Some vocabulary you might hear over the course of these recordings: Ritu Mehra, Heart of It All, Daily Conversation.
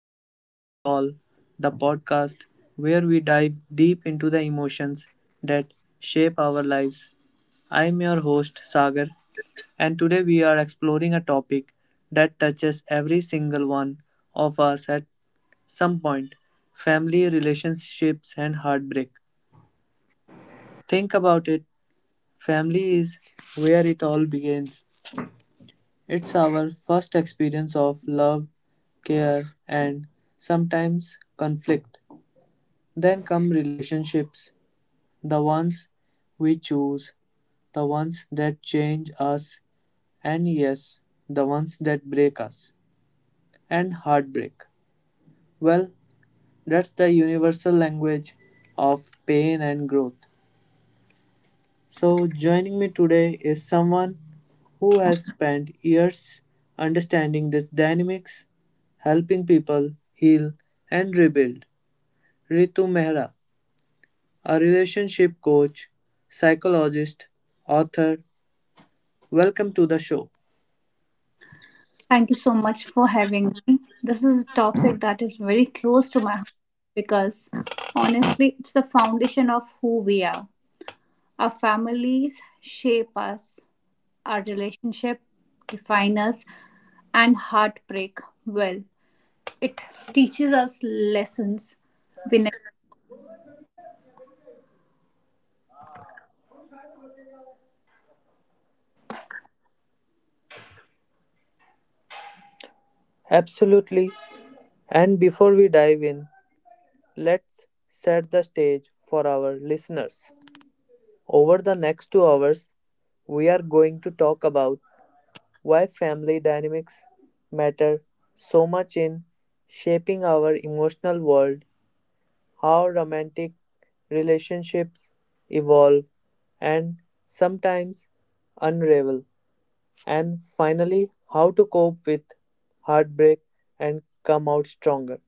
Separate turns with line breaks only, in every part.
Heart of It All, the podcast where we dive deep into the emotions that shape our lives. I am your host Sagar, and today we are exploring a topic that touches every single one of us at some point: family, relationships, and heartbreak. Think about it. Family is where it all begins. It's our first experience of love, care, and sometimes conflict. Then come relationships, the ones we choose, the ones that change us, and yes, the ones that break us, and heartbreak. Well, that's the universal language of pain and growth. So, joining me today is someone who has spent years understanding these dynamics, helping people heal and rebuild. Ritu Mehra, a relationship coach, psychologist, author, welcome to the show.
Thank you so much for having me. This is a topic that is very close to my heart because honestly, it's the foundation of who we are. Our families shape us, our relationship define us, and heartbreak. Well, it teaches us lessons. We never,
Absolutely. And before we dive in, let's set the stage for our listeners. Over the next 2 hours, we are going to talk about why family dynamics matter so much in shaping our emotional world, how romantic relationships evolve and sometimes unravel, and finally, how to cope with heartbreak and come out stronger.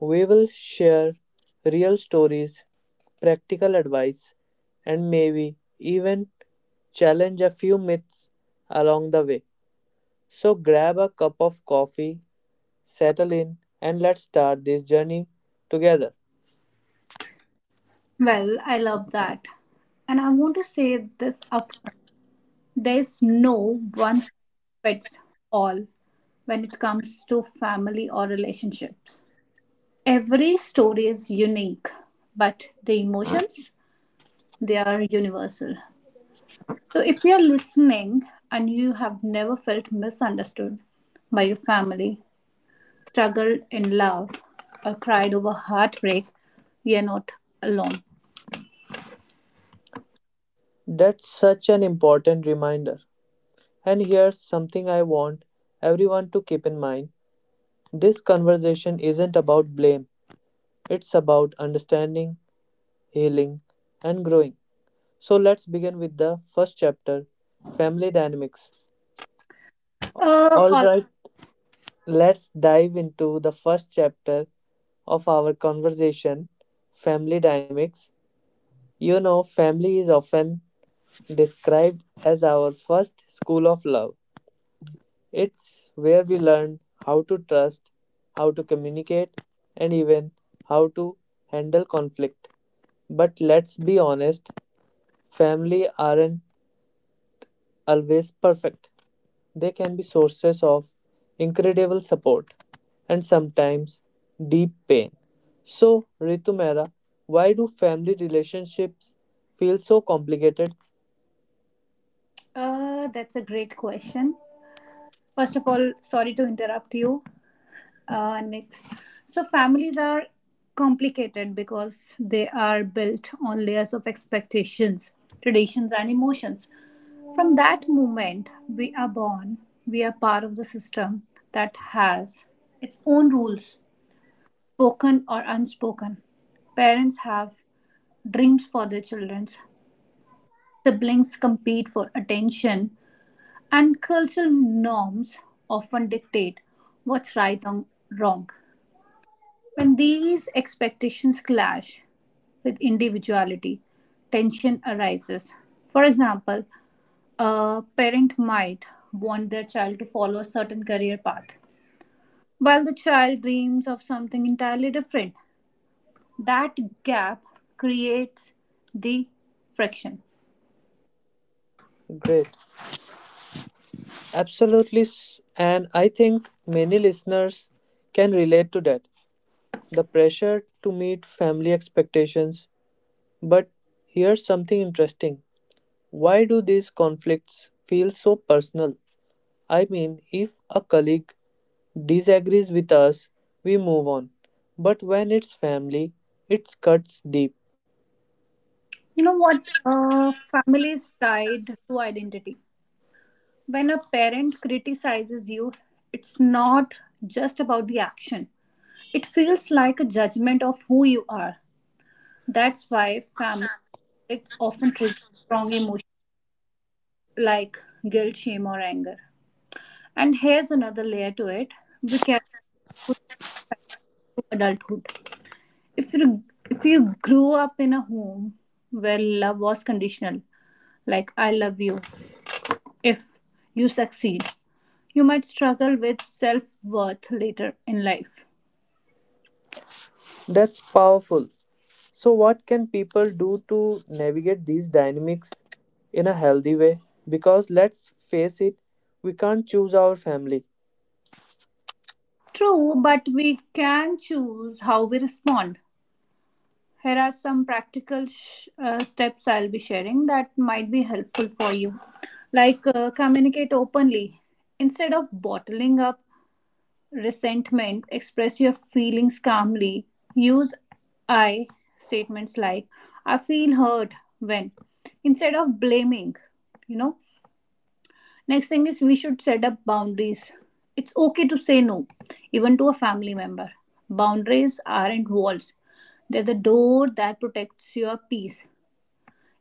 We will share real stories, practical advice, and maybe even challenge a few myths along the way. So grab a cup of coffee, settle in, and let's start this journey together.
well, I love that. And I want to say this upfront there's no one size fits all when it comes to family or relationships. Every story is unique, but the emotions, they are universal. So if you're listening and you have never felt misunderstood by your family, struggled in love, or cried over heartbreak, you're not alone.
That's such an important reminder. And here's something I want everyone to keep in mind: this conversation isn't about blame, it's about understanding, healing, and growing. So let's begin with the first chapter: family dynamics.
All right.
Alright, let's dive into the first chapter of our conversation: family dynamics. You know, family is often described as our first school of love. It's where we learn how to trust, how to communicate, and even how to handle conflict. But let's be honest, family aren't always perfect. They can be sources of incredible support and sometimes deep pain. So, Ritu Mehra, why do family relationships feel so complicated?
That's a great question. First of all, sorry to interrupt you. Next. So, families are complicated because they are built on layers of expectations, traditions, and emotions. From that moment we are born, we are part of the system that has its own rules, spoken or unspoken. Parents have dreams for their children, siblings compete for attention, and cultural norms often dictate what's right and wrong. When these expectations clash with individuality, tension arises. For example, a parent might want their child to follow a certain career path, while the child dreams of something entirely different. That gap creates the friction.
Great. Absolutely. And I think many listeners can relate to that: the pressure to meet family expectations. But here's something interesting: why do these conflicts feel so personal? I mean, if a colleague disagrees with us, we move on. But when it's family, it cuts deep.
You know what? Families tied to identity. When a parent criticizes you, it's not just about the action. It feels like a judgment of who you are. That's why family conflicts often trigger strong emotions like guilt, shame, or anger. And here's another layer to it: we carry it to adulthood. If you if you grew up in a home where love was conditional, like "I love you," if you succeed, you might struggle with self worth later in life.
That's powerful. So, what can people do to navigate these dynamics in a healthy way? Because let's face it, we can't choose our family.
True, but we can choose how we respond. Here are some practical steps I'll be sharing that might be helpful for you. Like, communicate openly. Instead of bottling up resentment, express your feelings calmly. Use I statements like "I feel hurt when" instead of blaming, you know. Next thing is we should set up boundaries. It's okay to say no, even to a family member. Boundaries aren't walls, they're the door that protects your peace.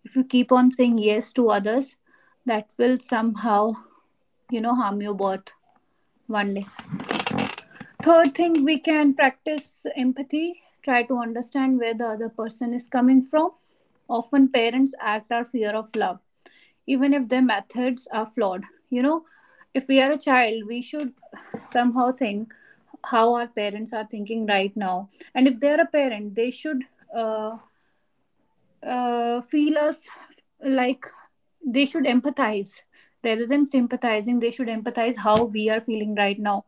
If you keep on saying yes to others, that will somehow, you know, harm your worth one day. Third thing, we can practice empathy, try to understand where the other person is coming from. Often, parents act out fear of love even if their methods are flawed. You know, if we are a child, we should somehow think how our parents are thinking right now. And if they are a parent, they should uh, feel us, like, they should empathize rather than sympathizing. They should empathize how we are feeling right now.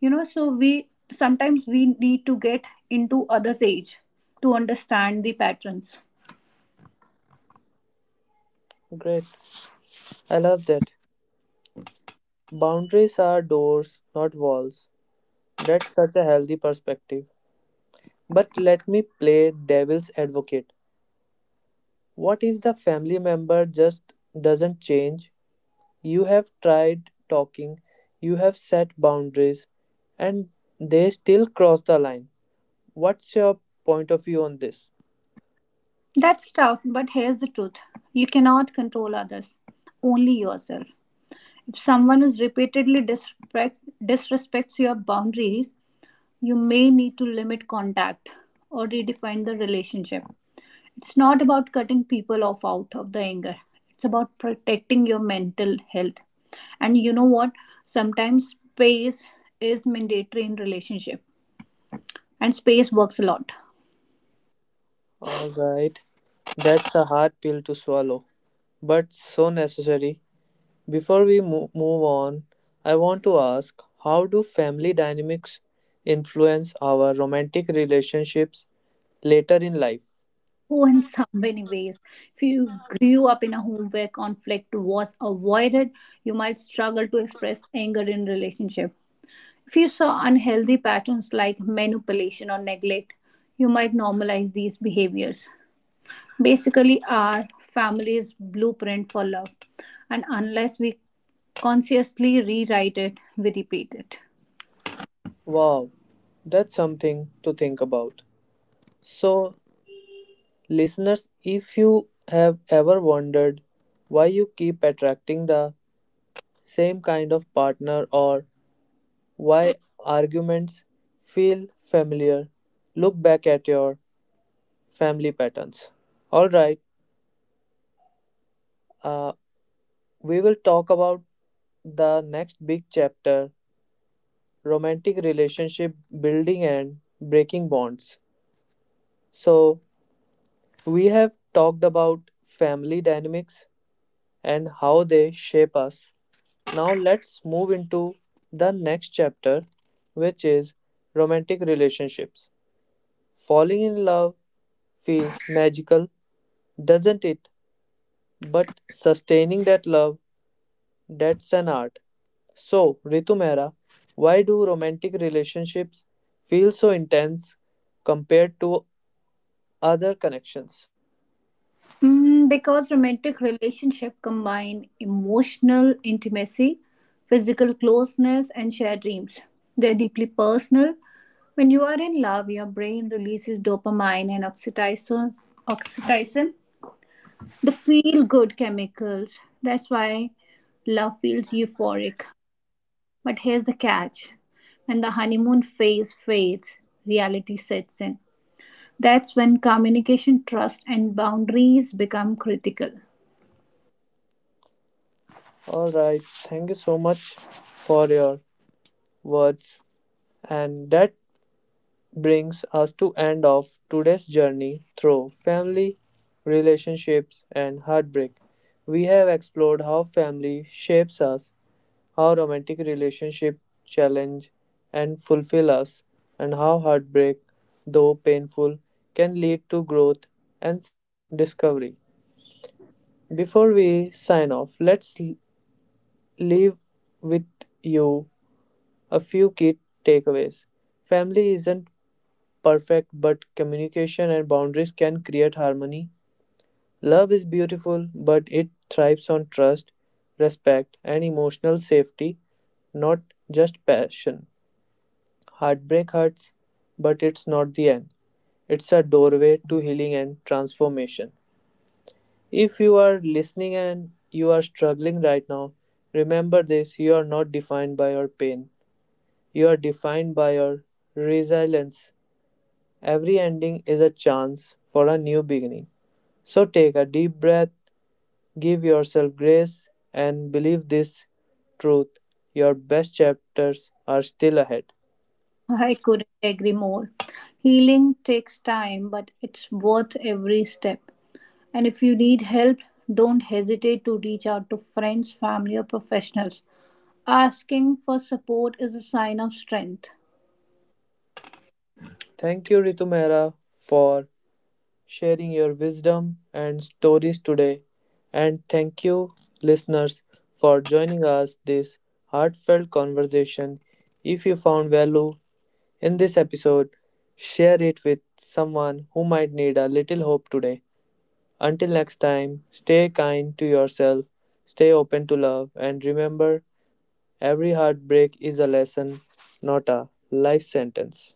You know, so we sometimes we need to get into others' age to understand the patterns.
Great, I love that. Boundaries are doors, not walls. That's such a healthy perspective. But let me play devil's advocate. What if the family member just doesn't change? You have tried talking, you have set boundaries, and they still cross the line. What's your point of view on this?
That's tough, but here's the truth: you cannot control others, only yourself. If someone is disrespects your boundaries, you may need to limit contact or redefine the relationship. It's not about cutting people off out of the anger, it's about protecting your mental health. And you know what? Sometimes space is mandatory in relationship, and space works a lot.
All right. That's a hard pill to swallow, but so necessary. Before we move on, I want to ask: how do family dynamics influence our romantic relationships later in life?
Oh, in so many ways. If you grew up in a home where conflict was avoided, you might struggle to express anger in relationship. If you saw unhealthy patterns like manipulation or neglect, you might normalize these behaviors. Basically, our family's blueprint for love, and unless we consciously rewrite it, we repeat it.
Wow, that's something to think about. So, listeners, if you have ever wondered why you keep attracting the same kind of partner, or why arguments feel familiar, look back at your family patterns. All right, uh, we will talk about the next big chapter: romantic relationship building and breaking bonds. So, we have talked about family dynamics and how they shape us. Now, let's move into the next chapter, which is romantic relationships. Falling in love feels magical, doesn't it? But sustaining that love, that's an art. So, Ritu Mehra, why do romantic relationships feel so intense compared to other connections?
Because romantic relationship combine emotional intimacy, physical closeness, and shared dreams. They're deeply personal. When you are in love, your brain releases dopamine and oxytocin, the feel-good chemicals. That's why love feels euphoric. But here's the catch: when the honeymoon phase fades, reality sets in. That's when communication, trust, and boundaries become critical.
All right, thank you so much for your words. And that brings us to end of today's journey through family, relationships and heartbreak. We have explored how family shapes us, how romantic relationship challenge and fulfill us, and how heartbreak, though painful, can lead to growth and self-discovery. Before we sign off, let's leave with you a few key takeaways. Family isn't perfect, but communication and boundaries can create harmony. Love is beautiful, but it thrives on trust, respect, and emotional safety, not just passion. Heartbreak hurts, but it's not the end. It's a doorway to healing and transformation. If you are listening and you are struggling right now, remember this: you are not defined by your pain, you are defined by your resilience. Every ending is a chance for a new beginning. So take a deep breath, give yourself grace, and believe this truth: your best chapters are still ahead.
I couldn't agree more. Healing takes time, but it's worth every step. And if you need help, don't hesitate to reach out to friends, family, or professionals. Asking for support is a sign of strength.
Thank you, Ritu Mehra, for sharing your wisdom and stories today. And thank you, listeners, for joining us this heartfelt conversation. If you found value in this episode, share it with someone who might need a little hope today. Until next time, stay kind to yourself, stay open to love, and remember every heartbreak is a lesson, not a life sentence.